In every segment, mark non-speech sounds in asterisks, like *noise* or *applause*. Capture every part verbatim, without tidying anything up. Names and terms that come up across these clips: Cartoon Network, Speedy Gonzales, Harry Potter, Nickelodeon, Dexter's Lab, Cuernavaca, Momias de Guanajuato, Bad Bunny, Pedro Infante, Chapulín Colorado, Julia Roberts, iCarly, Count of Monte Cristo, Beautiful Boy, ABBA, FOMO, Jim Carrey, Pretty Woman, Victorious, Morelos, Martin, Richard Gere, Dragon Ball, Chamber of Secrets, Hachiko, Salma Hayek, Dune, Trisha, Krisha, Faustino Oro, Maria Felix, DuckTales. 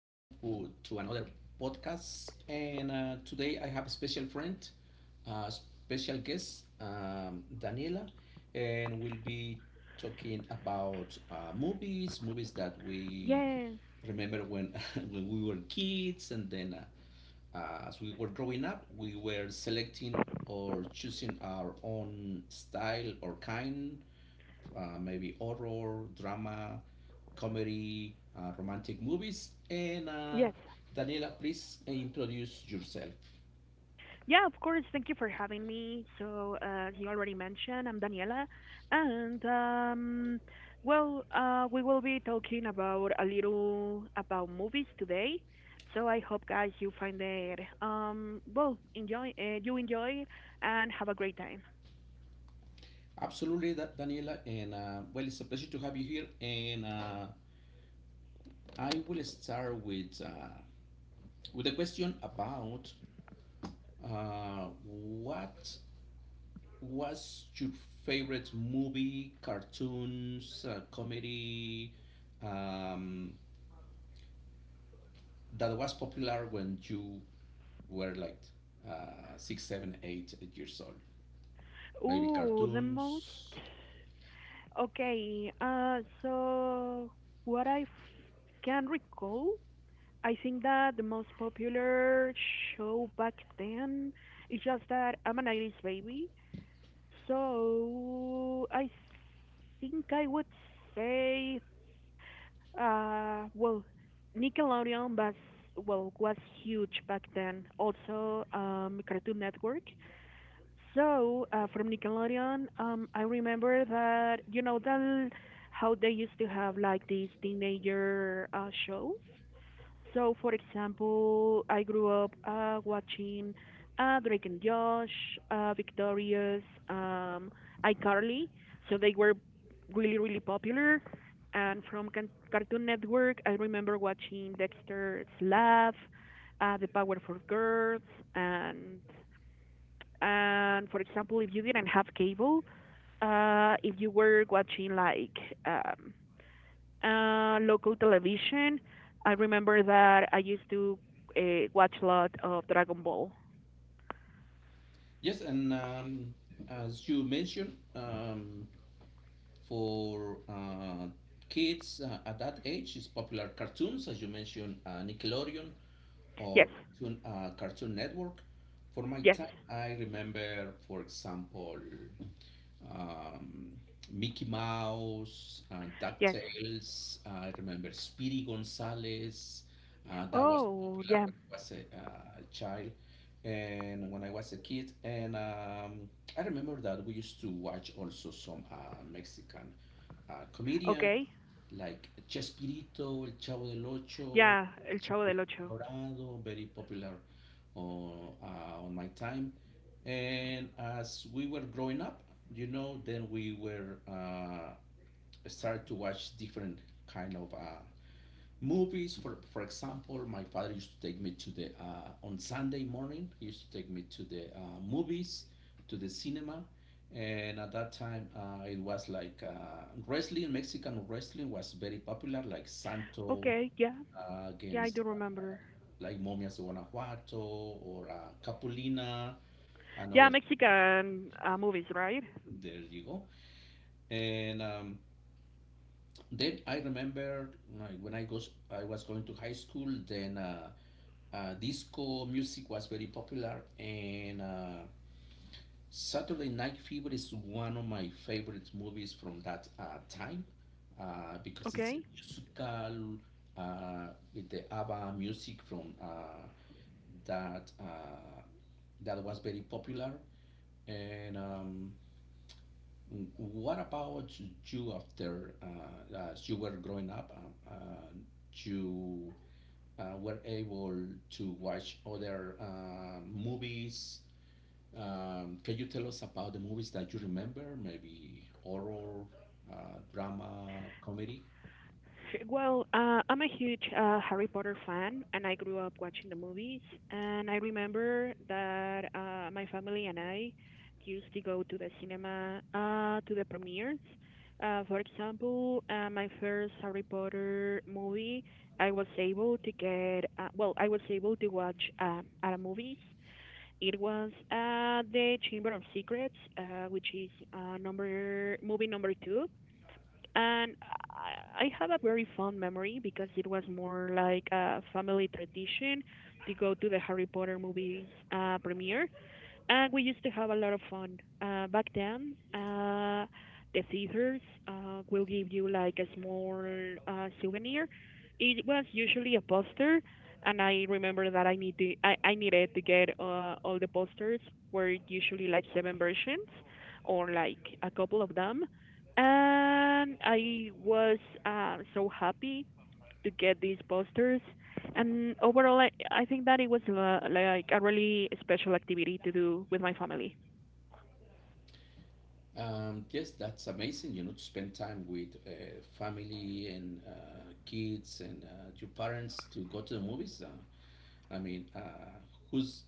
welcome to, to another podcast. And uh, today I have a special friend, uh, special guest, um, Daniela, and we'll be talking about uh, movies, movies that we Yes, remember when *laughs* when we were kids, and then uh, uh, as we were growing up, we were selecting or choosing our own style or kind, uh, maybe horror, drama, comedy, uh, romantic movies. And uh, yes. Daniela, please introduce yourself. Yeah, of course. Thank you for having me. So, uh, you already mentioned, I'm Daniela. And, um, well, uh, we will be talking about a little about movies today. So I hope, guys, you find it, um, well, enjoy, uh, you enjoy it and have a great time. Absolutely, that Daniela, and uh, well, it's a pleasure to have you here. And uh, I will start with uh, with a question about uh, what was your favorite movie, cartoons, uh, comedy, um, that was popular when you were like uh, six, seven, eight years old. Maybe Ooh, the most. cartoons. Okay, uh, so what I f- can recall, I think that the most popular show back then is just that I'm an nineties baby. So I think I would say, uh, well, Nickelodeon was well was huge back then. Also, um, Cartoon Network. So uh, from Nickelodeon, um, I remember that you know that how they used to have like these teenager uh, shows. So, for example, I grew up uh, watching uh, Drake and Josh, uh, Victorious, um, iCarly. So they were really, really popular. And from Can- Cartoon Network, I remember watching Dexter's Lab, uh, The Powerpuff Girls, and and for example, if you didn't have cable, uh, if you were watching like um, uh, local television. I remember that I used to uh, watch a lot of Dragon Ball. Yes, and um, as you mentioned, um, for uh, kids uh, at that age is popular cartoons, as you mentioned, uh, Nickelodeon or Yes, Cartoon, uh, Cartoon Network. For my yes, time, I remember, for example, um, Mickey Mouse, uh, yes. DuckTales. I remember Speedy Gonzales. Uh, that was Oh, popular yeah. when I was a, uh, a child and when I was a kid. And um, I remember that we used to watch also some uh, Mexican uh, comedians Okay. like Chespirito, El Chavo del Ocho, Yeah, El Chavo del Chapulín Ocho. Colorado, very popular on, uh, on my time. And as we were growing up, you know, then we were uh, started to watch different kind of uh, movies. For for example, my father used to take me to the uh, on Sunday morning. He used to take me to the uh, movies, to the cinema, and at that time uh, it was like uh, wrestling. Mexican wrestling was very popular, like Santo Okay, yeah. uh, Yeah, I against do remember. like Momias de Guanajuato or uh, Capulina, Yeah, another. Mexican uh, movies, right? There you go. And um, then I remember like, when I goes I was going to high school. Then uh, uh, disco music was very popular, and uh, Saturday Night Fever is one of my favorite movies from that uh, time uh, because it's a Okay. musical uh, with the ABBA music from uh, that uh, that was very popular. And um, what about you after uh, as you were growing up? Um, uh, you uh, were able to watch other uh, movies. Um, can you tell us about the movies that you remember? Maybe horror, uh, drama, comedy? Well, uh, I'm a huge uh, Harry Potter fan, and I grew up watching the movies. And I remember that uh, my family and I used to go to the cinema uh, to the premieres. Uh, for example, uh, my first Harry Potter movie, I was able to get, uh, well, I was able to watch um, at a movies. It was uh, the Chamber of Secrets, uh, which is uh, number movie number two, and I I have a very fond memory because it was more like a family tradition to go to the Harry Potter movies uh, premiere, and we used to have a lot of fun uh, back then. Uh, the scissors uh, will give you like a small uh, souvenir. It was usually a poster, and I remember that I need to, I, I needed to get uh, all the posters were usually like seven versions, or like a couple of them, and I was uh, so happy to get these posters. And overall, I, I think that it was uh, like a really special activity to do with my family. Um, yes, that's amazing, you know, to spend time with uh, family and uh, kids and uh, your parents to go to the movies. Uh, I mean, uh, who's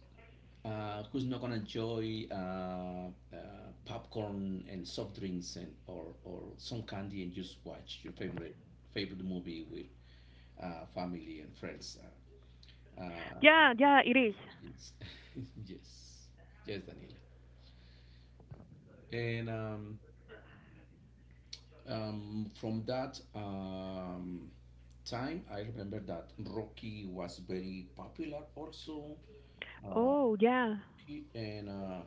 Uh, who's not gonna enjoy uh, uh, popcorn and soft drinks and or, or some candy and just watch your favorite favorite movie with uh, family and friends? Uh, uh, Yeah, yeah, it is. it's- *laughs* yes, yes, Daniela. And um, um, from that um, time, I remember that Rocky was very popular also. Uh, Oh, yeah, he- and uh,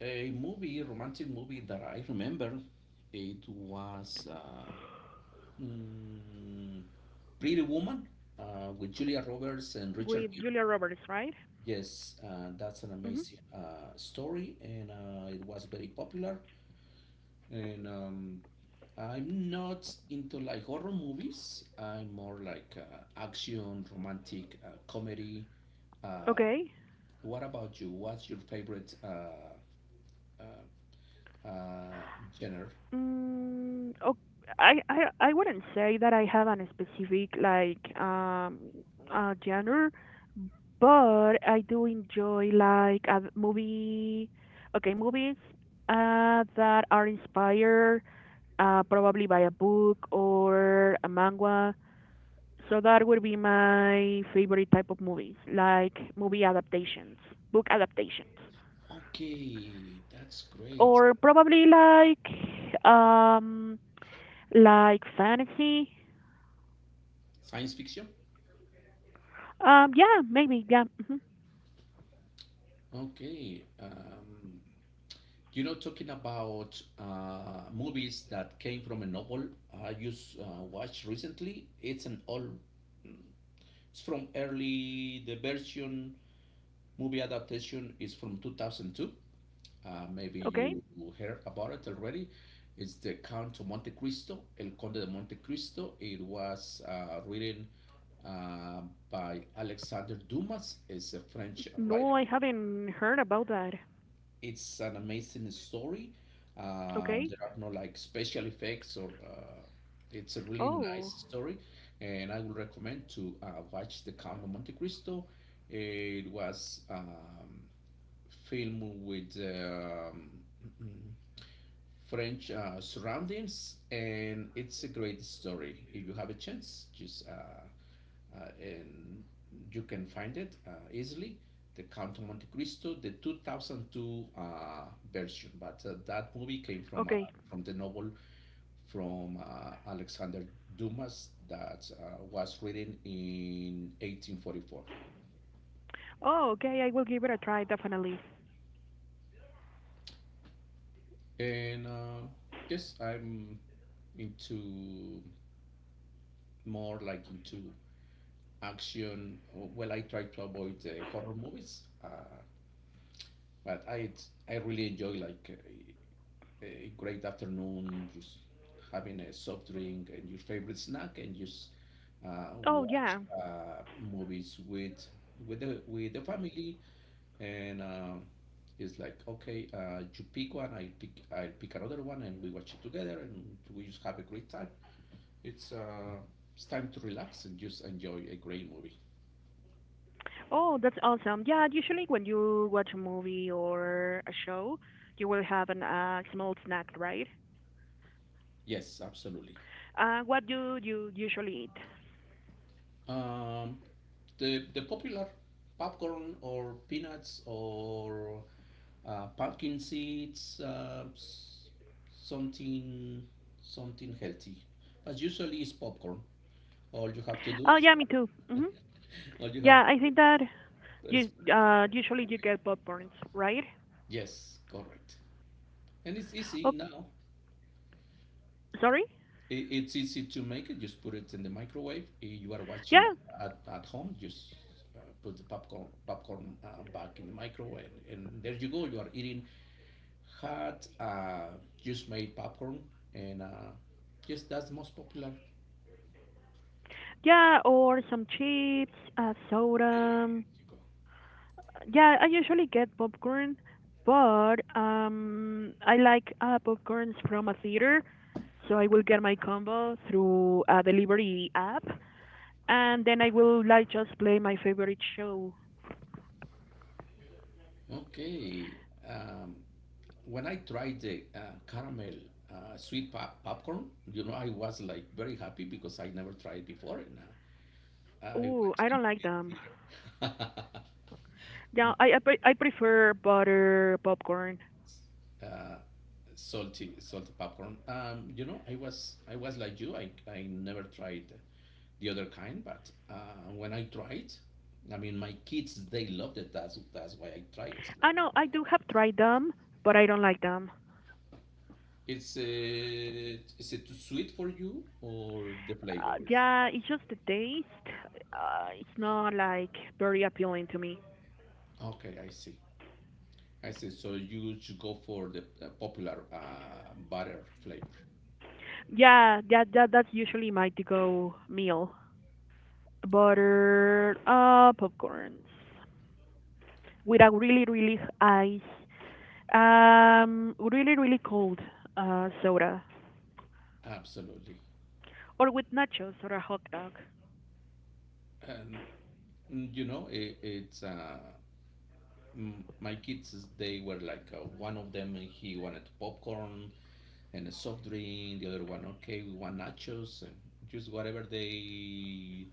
a movie, romantic movie that I remember, it was uh, mm, Pretty Woman uh, with Julia Roberts and Richard with Gere. Julia Roberts, right? Yes, uh, that's an Hmm. amazing uh, story, and uh, it was very popular. And um, I'm not into like horror movies. I'm more like uh, action, romantic, uh, comedy. Uh, Okay. what about you? What's your favorite uh, uh, uh, genre? Mm, oh, I, I, I wouldn't say that I have an specific like um uh, genre, but I do enjoy like a movie. Okay, movies uh, that are inspired. Uh, probably by a book or a manga. So that would be my favorite type of movies, like movie adaptations, book adaptations, Okay, that's great. or probably like um like fantasy. Science fiction? Um, yeah, maybe, yeah. Hmm. Okay. Um, you know, talking about uh, movies that came from a novel, I just uh, watched recently, it's an old, it's from early, the version movie adaptation is from two thousand two. Uh, maybe Okay. you heard about it already. It's the Count of Monte Cristo, El Conde de Monte Cristo. It was uh, written uh, by Alexandre Dumas. It's a French writer. No, I haven't heard about that. It's an amazing story. Um, Okay. There are no like special effects or uh, it's a really nice Oh, story, and I would recommend to uh, watch The Count of Monte Cristo. It was um, filmed with um, *clears throat* French uh, surroundings, and it's a great story. If you have a chance, just uh, uh, and you can find it uh, easily. The Count of Monte Cristo, the two thousand two uh, version, but uh, that movie came from uh, okay. from the novel from uh, Alexander Dumas that uh, was written in eighteen forty-four. Oh, okay. I will give it a try, definitely. And uh, yes, I'm into more like into action. uh, Well, I try to avoid uh, horror movies, uh, but I I really enjoy like a, a great afternoon, just having a soft drink and your favorite snack, and just uh, Oh, watch yeah. uh, movies with with the with the family. And uh, it's like okay, uh, you pick one, I pick I pick another one, and we watch it together, and we just have a great time. It's uh, it's time to relax and just enjoy a great movie. Oh, that's awesome. Yeah, usually when you watch a movie or a show, you will have an uh, small snack, right? Yes, absolutely. Uh, what do you usually eat? Um, the the popular popcorn or peanuts, or uh, pumpkin seeds, uh, s- something something healthy. But usually it's popcorn. All you have to do Oh, is yeah, me too. *laughs* Hmm. all you have Yeah, I to think that do is, is you put it in uh, the usually you microwave. get popcorns, right? Yes, correct. And it's easy Oh, now. sorry? It, it's easy to make it. Just put it in the microwave. If you are Yeah, watching at, at home, just uh, put the popcorn popcorn uh, back in the microwave, and, and there you go. You are eating hot, uh, just made popcorn, and uh, just that's the most popular. yeah, or some chips, uh, There you soda. go. Yeah, I usually get popcorn, but um, I like uh, popcorns from a theater, so I will get my combo through a delivery app, and then I will like just play my favorite show. Okay. Um, when I tried the uh, caramel uh, sweet pop- popcorn, you know, I was like very happy because I never tried before, and uh, I Ooh, went to I the don't like movie them. theater. Yeah, I I, pre- I prefer butter popcorn. *laughs* uh, salty salty popcorn. Um, you know, I was I was like you. I I never tried the other kind, but uh, when I tried, I mean, my kids they loved it. That's that's why I tried. It's like I know I do have tried them, but I don't like them. it's uh, is it too sweet for you or the Uh, flavor is Yeah, it's just the taste. Uh, it's not like very appealing to me. okay. I see. I see. So you should go for the uh, popular uh, butter flavor. Yeah, that that that's usually my to-go meal. Butter, uh, popcorns with a really, really ice, um, really, really cold uh, soda, Absolutely. or with nachos or a hot dog. And mm, you know, it, it's uh, mm, my kids they were like uh, one of them uh, he wanted popcorn and a soft drink, the other one, okay, we want nachos, and just whatever they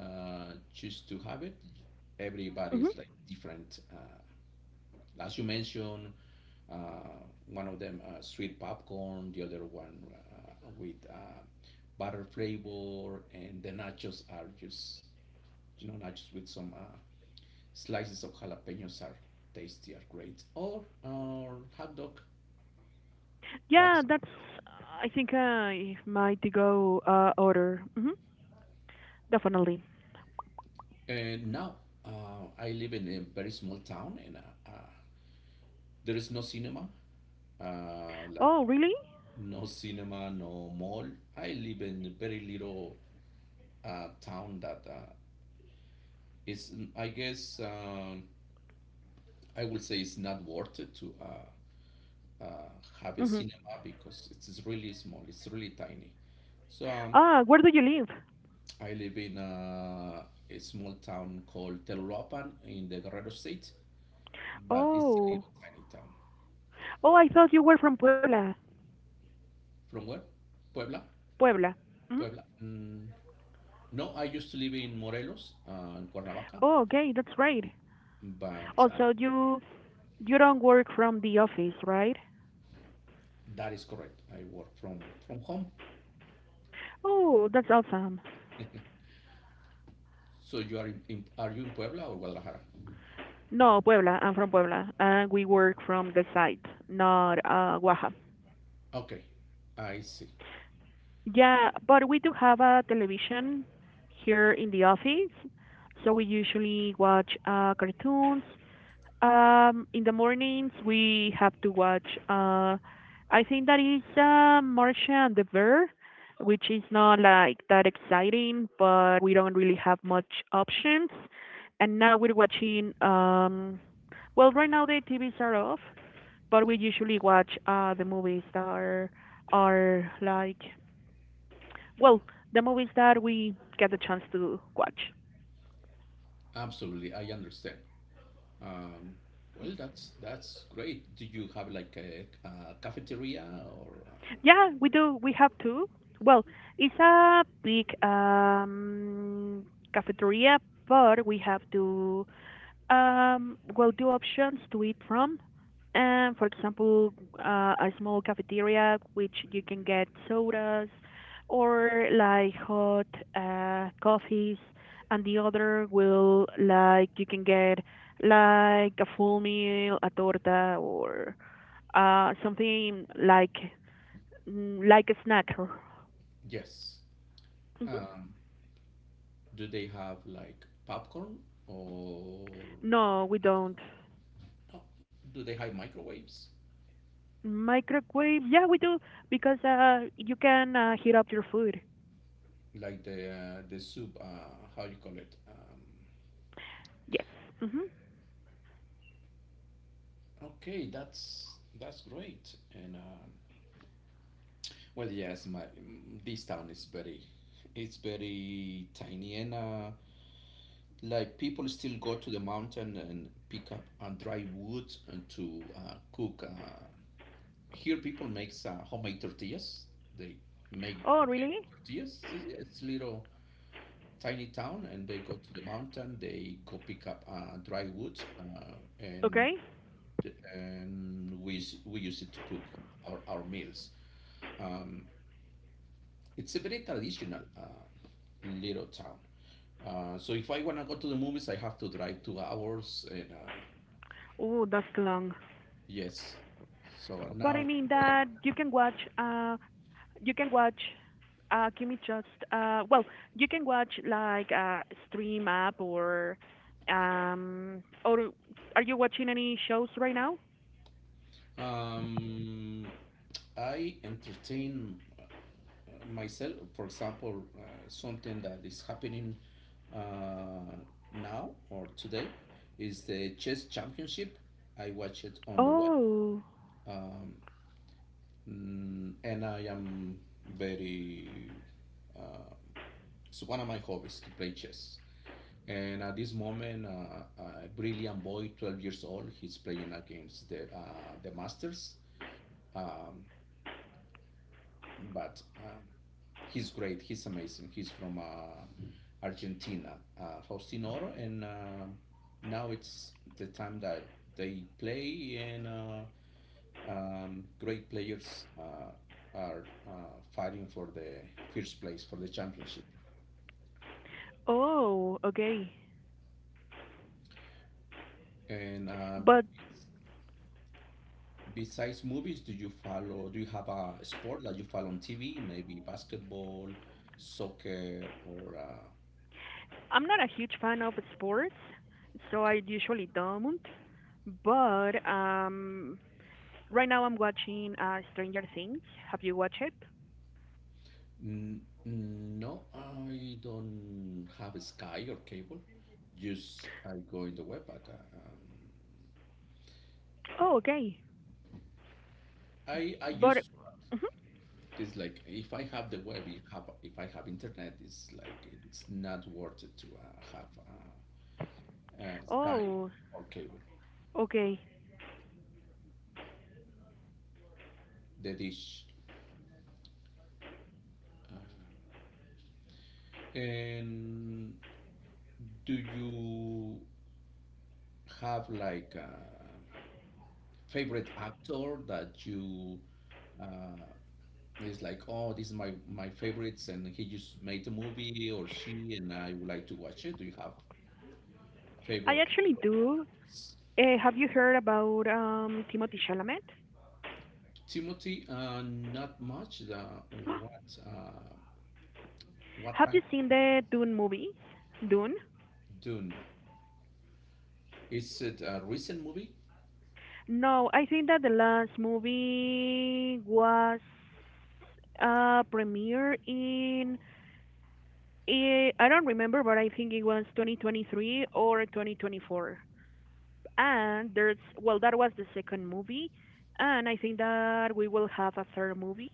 uh, choose to have it, everybody Hmm. is like different, uh, as you mentioned, uh, one of them uh, sweet popcorn, the other one uh, with uh, butter flavor, and the nachos are just, you know, nachos with some uh, slices of jalapenos are tasty, are great, or or hot dog. Yeah, That's that's, I think, uh, my to-go uh, order. Hmm. Definitely. Uh, now uh, I live in a very small town, and uh, uh, there is no cinema, uh, Oh, like really? no cinema, no mall. I live in a very little uh, town that uh, is, I guess, um, I will say it's not worth it to uh, uh, have a Hmm. cinema because it's really small, it's really tiny. So um, Ah, where do you live? I live in uh, a small town called Telolapan in the Guerrero state, but it's a Oh, little tiny town. oh, I thought you were from Puebla. From where? Puebla? Puebla. Hmm. Puebla? Mm, no, I used to live in Morelos, uh, in Cuernavaca, Oh, okay, that's right. but Also, uh, you you don't work from the office, right? that is correct. I work from, from home. Oh, that's awesome. So you are in, in, are you in Puebla or Guadalajara? No, Puebla. I'm from Puebla, and we work from the site, not uh, Oaxaca. Okay, I see. Yeah, but we do have a television here in the office, so we usually watch uh, cartoons. Um, in the mornings we have to watch. Uh, I think that is uh, Marcia and the Bear, which is not like that exciting, but we don't really have much options. And now we're watching. Um, well, right now the T Vs are off, but we usually watch uh, the movies that are are like well the movies that we get the chance to watch. Absolutely, I understand. Um, well, that's that's great. Do you have like a, a cafeteria or? Uh, Yeah, we do. We have two. Well, it's a big um, cafeteria, but we have two um, well two options to eat from. And for example, uh, a small cafeteria which you can get sodas or like hot uh, coffees, and the other will like you can get like a full meal, a torta, or uh, something like Mm, like a snack. yes. Mhm. Um, do they have like popcorn or No, we don't. no, do they have microwaves? Microwave? Yeah, we do because uh, you can uh, heat up your food. Like the uh, the soup, uh, how you call it? Um, Yes. Hmm. okay, that's that's great. And um, well, yes, my mm, this town is very, it's very tiny, and uh, like people still go to the mountain and pick up and dry wood and to uh, cook. Uh, here people makes uh, homemade tortillas. They make Oh, really? little tortillas. It's it's little tiny town, and they go to the mountain. They go pick up uh, dry wood, uh, and Okay. and we s- we use it to cook our our meals. Um, it's a very traditional uh, little town. Uh, so if I wanna go to the movies, I have to drive two hours, and uh, Oh, that's long. yes. So But I now mean that you can watch. Uh, you can watch. Uh, Kimmy just. Uh, well, you can watch like uh, stream app, or. Um. Or are you watching any shows right now? um, I entertain myself, for example, uh, something that is happening uh, now or today is the chess championship. I watch it on the web, Oh. um, mm, and I am very. Uh, it's one of my hobbies to play chess. And at this moment, uh, a brilliant boy, twelve years old, he's playing against the uh, the masters. Um, but um, he's great. He's amazing. He's from uh, Argentina, uh, Faustino Oro, and uh, now it's the time that they play, and uh, um, great players uh, are uh, fighting for the first place for the championship. Oh. Okay. And uh, But besides movies, do you follow? Do you have a sport that you follow on T V? Maybe basketball, soccer, or uh, I'm not a huge fan of sports, so I okay. usually don't. But um, right now I'm watching uh, Stranger Things. Have you watched it? N- No, I don't have a Sky or cable. Just I go in the web, but uh, um, Oh, okay. I I But used, mhm. it's like if I have the web, if have if I have internet, it's like it's not worth it to uh, have uh, uh, Sky Oh, or cable, okay. the dish. uh, And do you have like a favorite actor that you uh, it's like, oh, this is my my favorites, and he just made the movie or she, and I would like to watch it. Do you have I favorite actually do. actors? Uh, have you heard about um, Timothy Chalamet? Timothy, uh, not much. The what uh, what Have kind you seen of the Dune movies? Dune? Dune? Is it a recent movie? No, I think that the last movie was uh premiere in. Eh, I don't remember, but I think it was twenty twenty-three or twenty twenty-four. And there's, well, that was the second movie. And I think that we will have a third movie,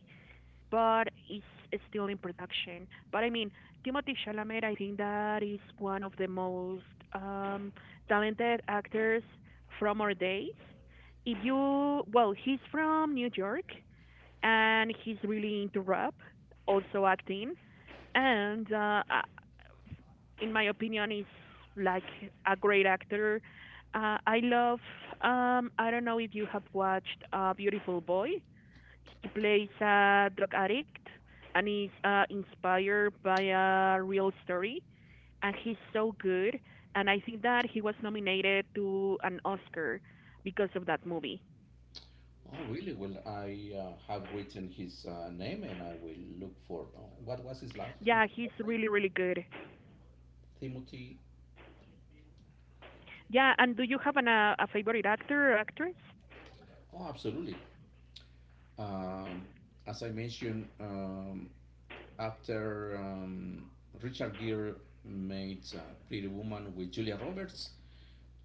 but it's, it's still in production. But I mean, Timothy Chalamet, I think that is one of the most um, talented actors from our days. If you, Well, he's from New York and he's really into rap, also acting, and uh, I in my opinion, is like a great actor. Uh, I love. Um, I don't know if you have watched uh, Beautiful Boy. He plays a drug addict, and is uh, inspired by a real story. And he's so good. And I think that he was nominated to an Oscar because of that movie. Oh, really? Well, I uh, have written his uh, name, and I will look for oh, what was his last, his Yeah, he's last name? really, really good. Timothy. Yeah, and do you have an, uh, a favorite actor or actress? Oh, absolutely. Um, as I mentioned. Um, after um, Richard Gere made uh, Pretty Woman with Julia Roberts,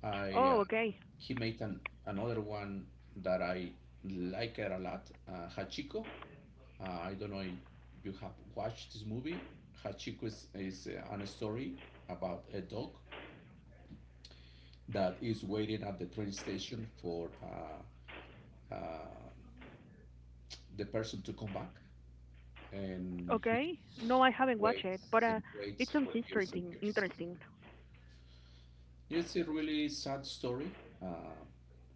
I uh, Oh, okay. he made an, another one that I like her a lot, uh, Hachiko. Uh, I don't know if you have watched this movie. Hachiko is, is uh, a story about a dog that is waiting at the train station for uh, uh, the person to come back, and he Okay. No, just I haven't watched it, but waits uh, and it waits sounds for years and interesting. years. Interesting. It's a really sad story, uh,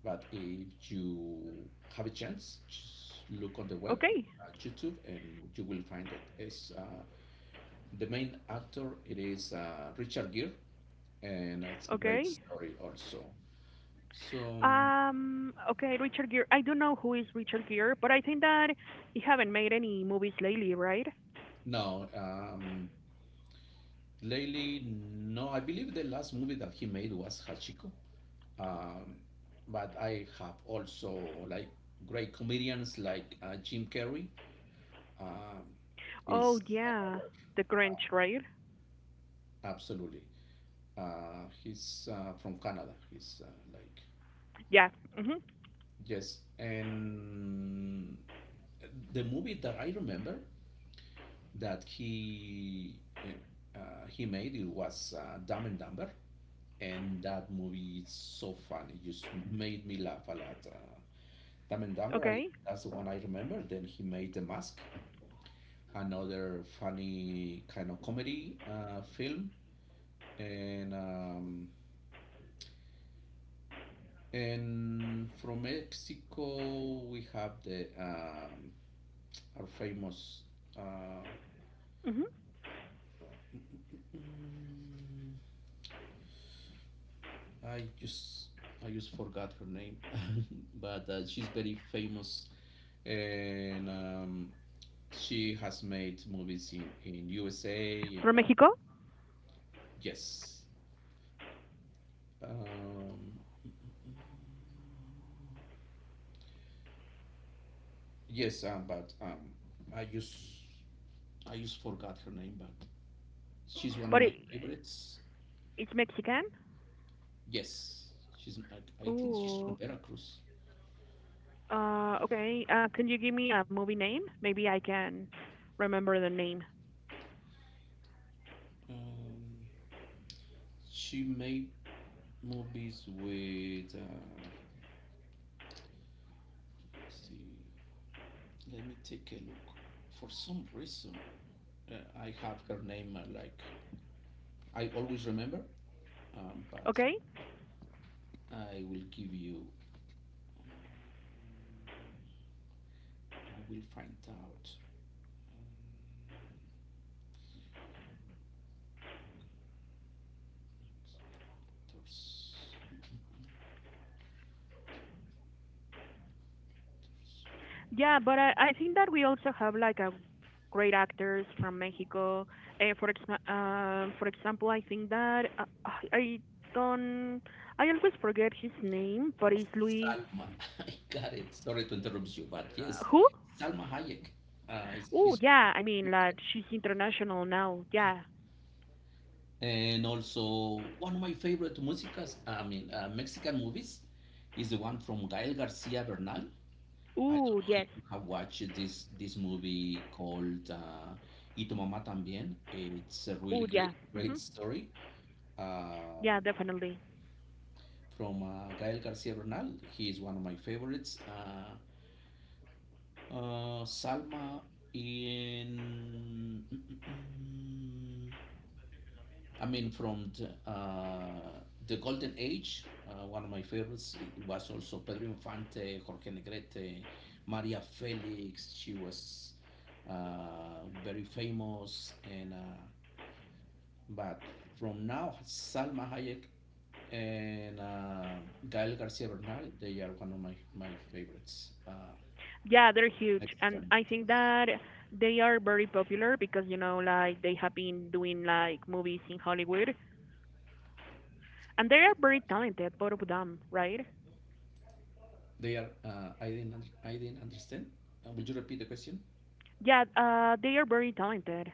but if you have a chance, just look on the web, Okay. at YouTube, and you will find it. It's uh, the main actor. It is uh, Richard Gere, and it's a great Okay. story also. So Um. Okay, Richard Gere. I don't know who is Richard Gere, but I think that he haven't made any movies lately, right? no, um, lately no. I believe the last movie that he made was Hachiko. Um, but I have also like great comedians like uh, Jim Carrey. Um, is Oh yeah, another, The Grinch, right? absolutely. Uh, he's uh, from Canada. He's uh, like, Yeah. Mhm. yes. And the movie that I remember that he uh, uh, he made it was uh, Dumb and Dumber, and that movie is so funny. It just made me laugh a lot. Uh, Dumb and Dumber, I, Okay. that's the one I remember. Then he made The Mask, another funny kind of comedy uh, film, and um, And from Mexico, we have the um, our famous. Uh, Mhm. mm, I just I just forgot her name, *laughs* but uh, she's very famous, and um, she has made movies in in U S A From and uh, Mexico, yes. Um, Yes, um, but um, I just I just forgot her name, but she's one of my but it, favorites. it's Mexican. Yes, she's. I, I think she's from Ooh. Veracruz. Uh. Okay. Uh, can you give me a movie name? Maybe I can remember the name. Um, she made movies with. Um, let's see, let me take a look. For some reason, uh, I have her name uh, like I always remember, um, but Okay. I will give you. um, I will find out. Um, actors. Yeah, but I, I think that we also have like a great actors from Mexico. Uh, for ex- uh, for example, I think that uh, I I don't, I always forget his name, but it's Luis. Salma, *laughs* I got it. Sorry to interrupt you, but Uh, yes, Who? Salma Hayek uh, is Oh she's one of yeah, I my mean like favorites, she's international now. Yeah. and also one of my favorite musicas. I mean, uh, Mexican movies is the one from Gael Garcia Bernal. I don't Oh know if yes. you have watched this this movie called uh, Y tu mamá también. It's a really Oh great yeah. Hmm. great story um, Yeah, definitely. from uh, Gael Garcia Bernal. He is one of my favorites. Uh, Uh, Salma in, mm, mm, mm, I mean, from the, uh, the Golden Age, uh, one of my favorites it was also Pedro Infante, Jorge Negrete, Maria Felix. She was uh, very famous, and uh, but from now, Salma Hayek and uh, Gael Garcia Bernal, they are one of my, my favorites, uh, Yeah, they're huge, and Mexican. I think that they are very popular because you know like they have been doing like movies in Hollywood, and they are very talented, both of them, right? They are. Uh, I didn't. I didn't understand. Uh, would you repeat the question? Yeah, uh, they are very talented,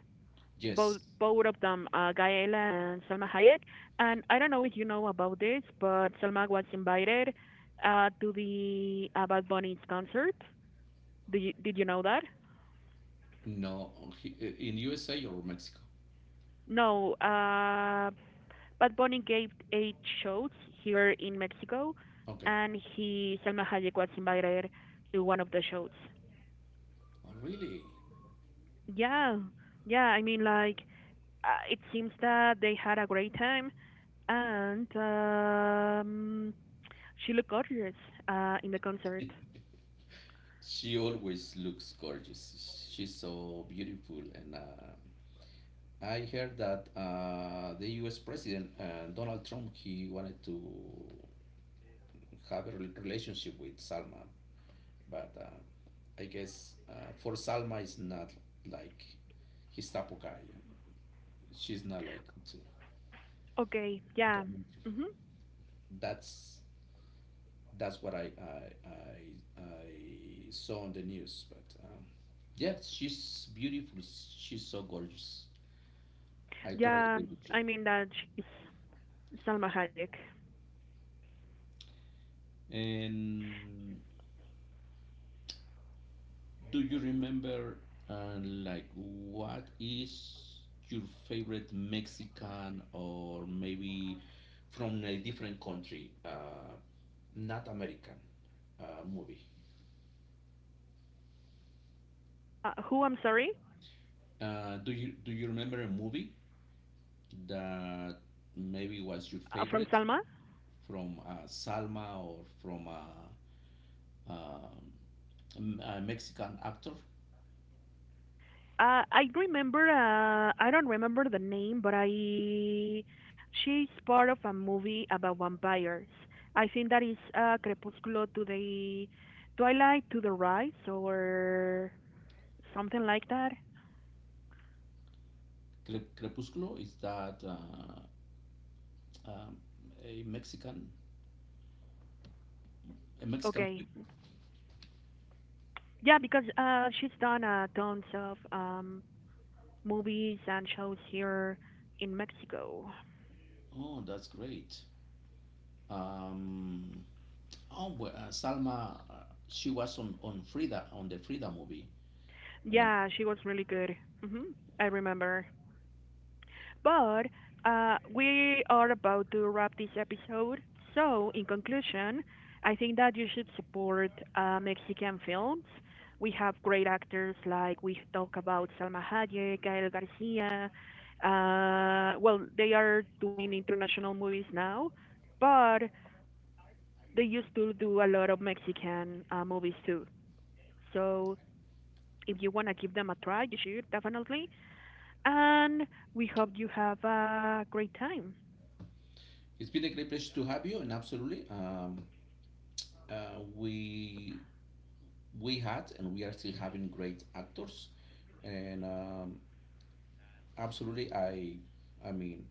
both Yes. both of them, uh, Gaela and Salma Hayek. And I don't know if you know about this, but Salma was invited uh, to the uh, Bad Bunny's concert. Did you, did you know that? No. he- uh, In U S A or Mexico? No, uh, Bad Bunny gave eight shows here in Mexico, Okay. and he Salma Hayek was invited to one of the shows. Oh, really? Yeah, yeah. I mean, like uh, it seems that they had a great time, and um, she looked gorgeous uh, in the concert. She always looks gorgeous. She's so beautiful, and um I heard that uh, the U S president uh, Donald Trump he wanted to have a rel- relationship with Salma, but uh, I guess uh, for Salma is not like his type of guy. She's not like to Okay, yeah, Donald Trump. hmm, that's that's what I I I, I saw on the news. But um, yeah, she's beautiful. She's so gorgeous. I totally yeah. agree with you. I mean that she's Salma Hayek. And do you remember uh, like what is your favorite Mexican or maybe from a different country, uh, not American uh, movie? Uh, who? I'm sorry, Uh, do you do you remember a movie that maybe was your uh, from favorite Salma. from uh, Salma or from uh, um, m- a Mexican actor? Uh, I remember. Uh, I don't remember the name, but I. She's part of a movie about vampires. I think that is uh, Crepúsculo to the Twilight to the Rise or something like that. Cre- Crepúsculo is that uh, um, a Mexican a Mexican Okay. movie? Yeah, because uh, she's done uh, tons of um, movies and shows here in Mexico. Oh, that's great. Um, oh, well, uh, Salma, uh, she was on on Frida on the Frida movie. And Yeah, she was really good. hmm I remember. But uh, we are about to wrap this episode. So, in conclusion, I think that you should support uh, Mexican films. We have great actors like we talk about Salma Hayek, Gael Garcia. Uh, well, they are doing international movies now, but they used to do a lot of Mexican uh, movies too. So if you want to give them a try, you should definitely. And we hope you have a great time. it's been a great pleasure to have you, and absolutely, um, uh, we we had and we are still having great actors and um, absolutely i i mean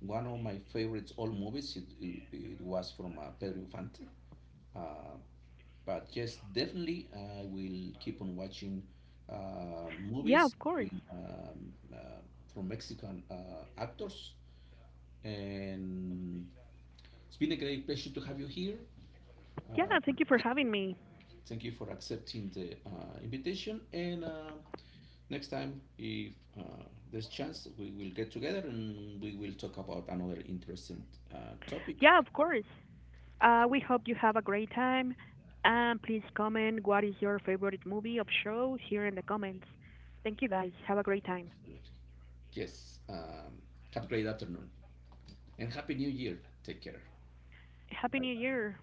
one of my favorites old movies it, it, it was from uh, Pedro Infante uh, but yes definitely I will keep on watching uh, Yeah, movies of course. in, um, uh, from Mexican uh, actors and it's been a great pleasure to have you here Yeah, uh, thank you for thank having me. thank you for accepting the uh, invitation and um, next time, if uh, there's chance, we will get together and we will talk about another interesting uh, topic. Yeah, of course. Uh, we hope you have a great time. And please comment what is your favorite movie of show here in the comments. Thank you guys. Have a great time. Yes. Um, have a great afternoon and happy new year. Take care. Happy New Bye. Year.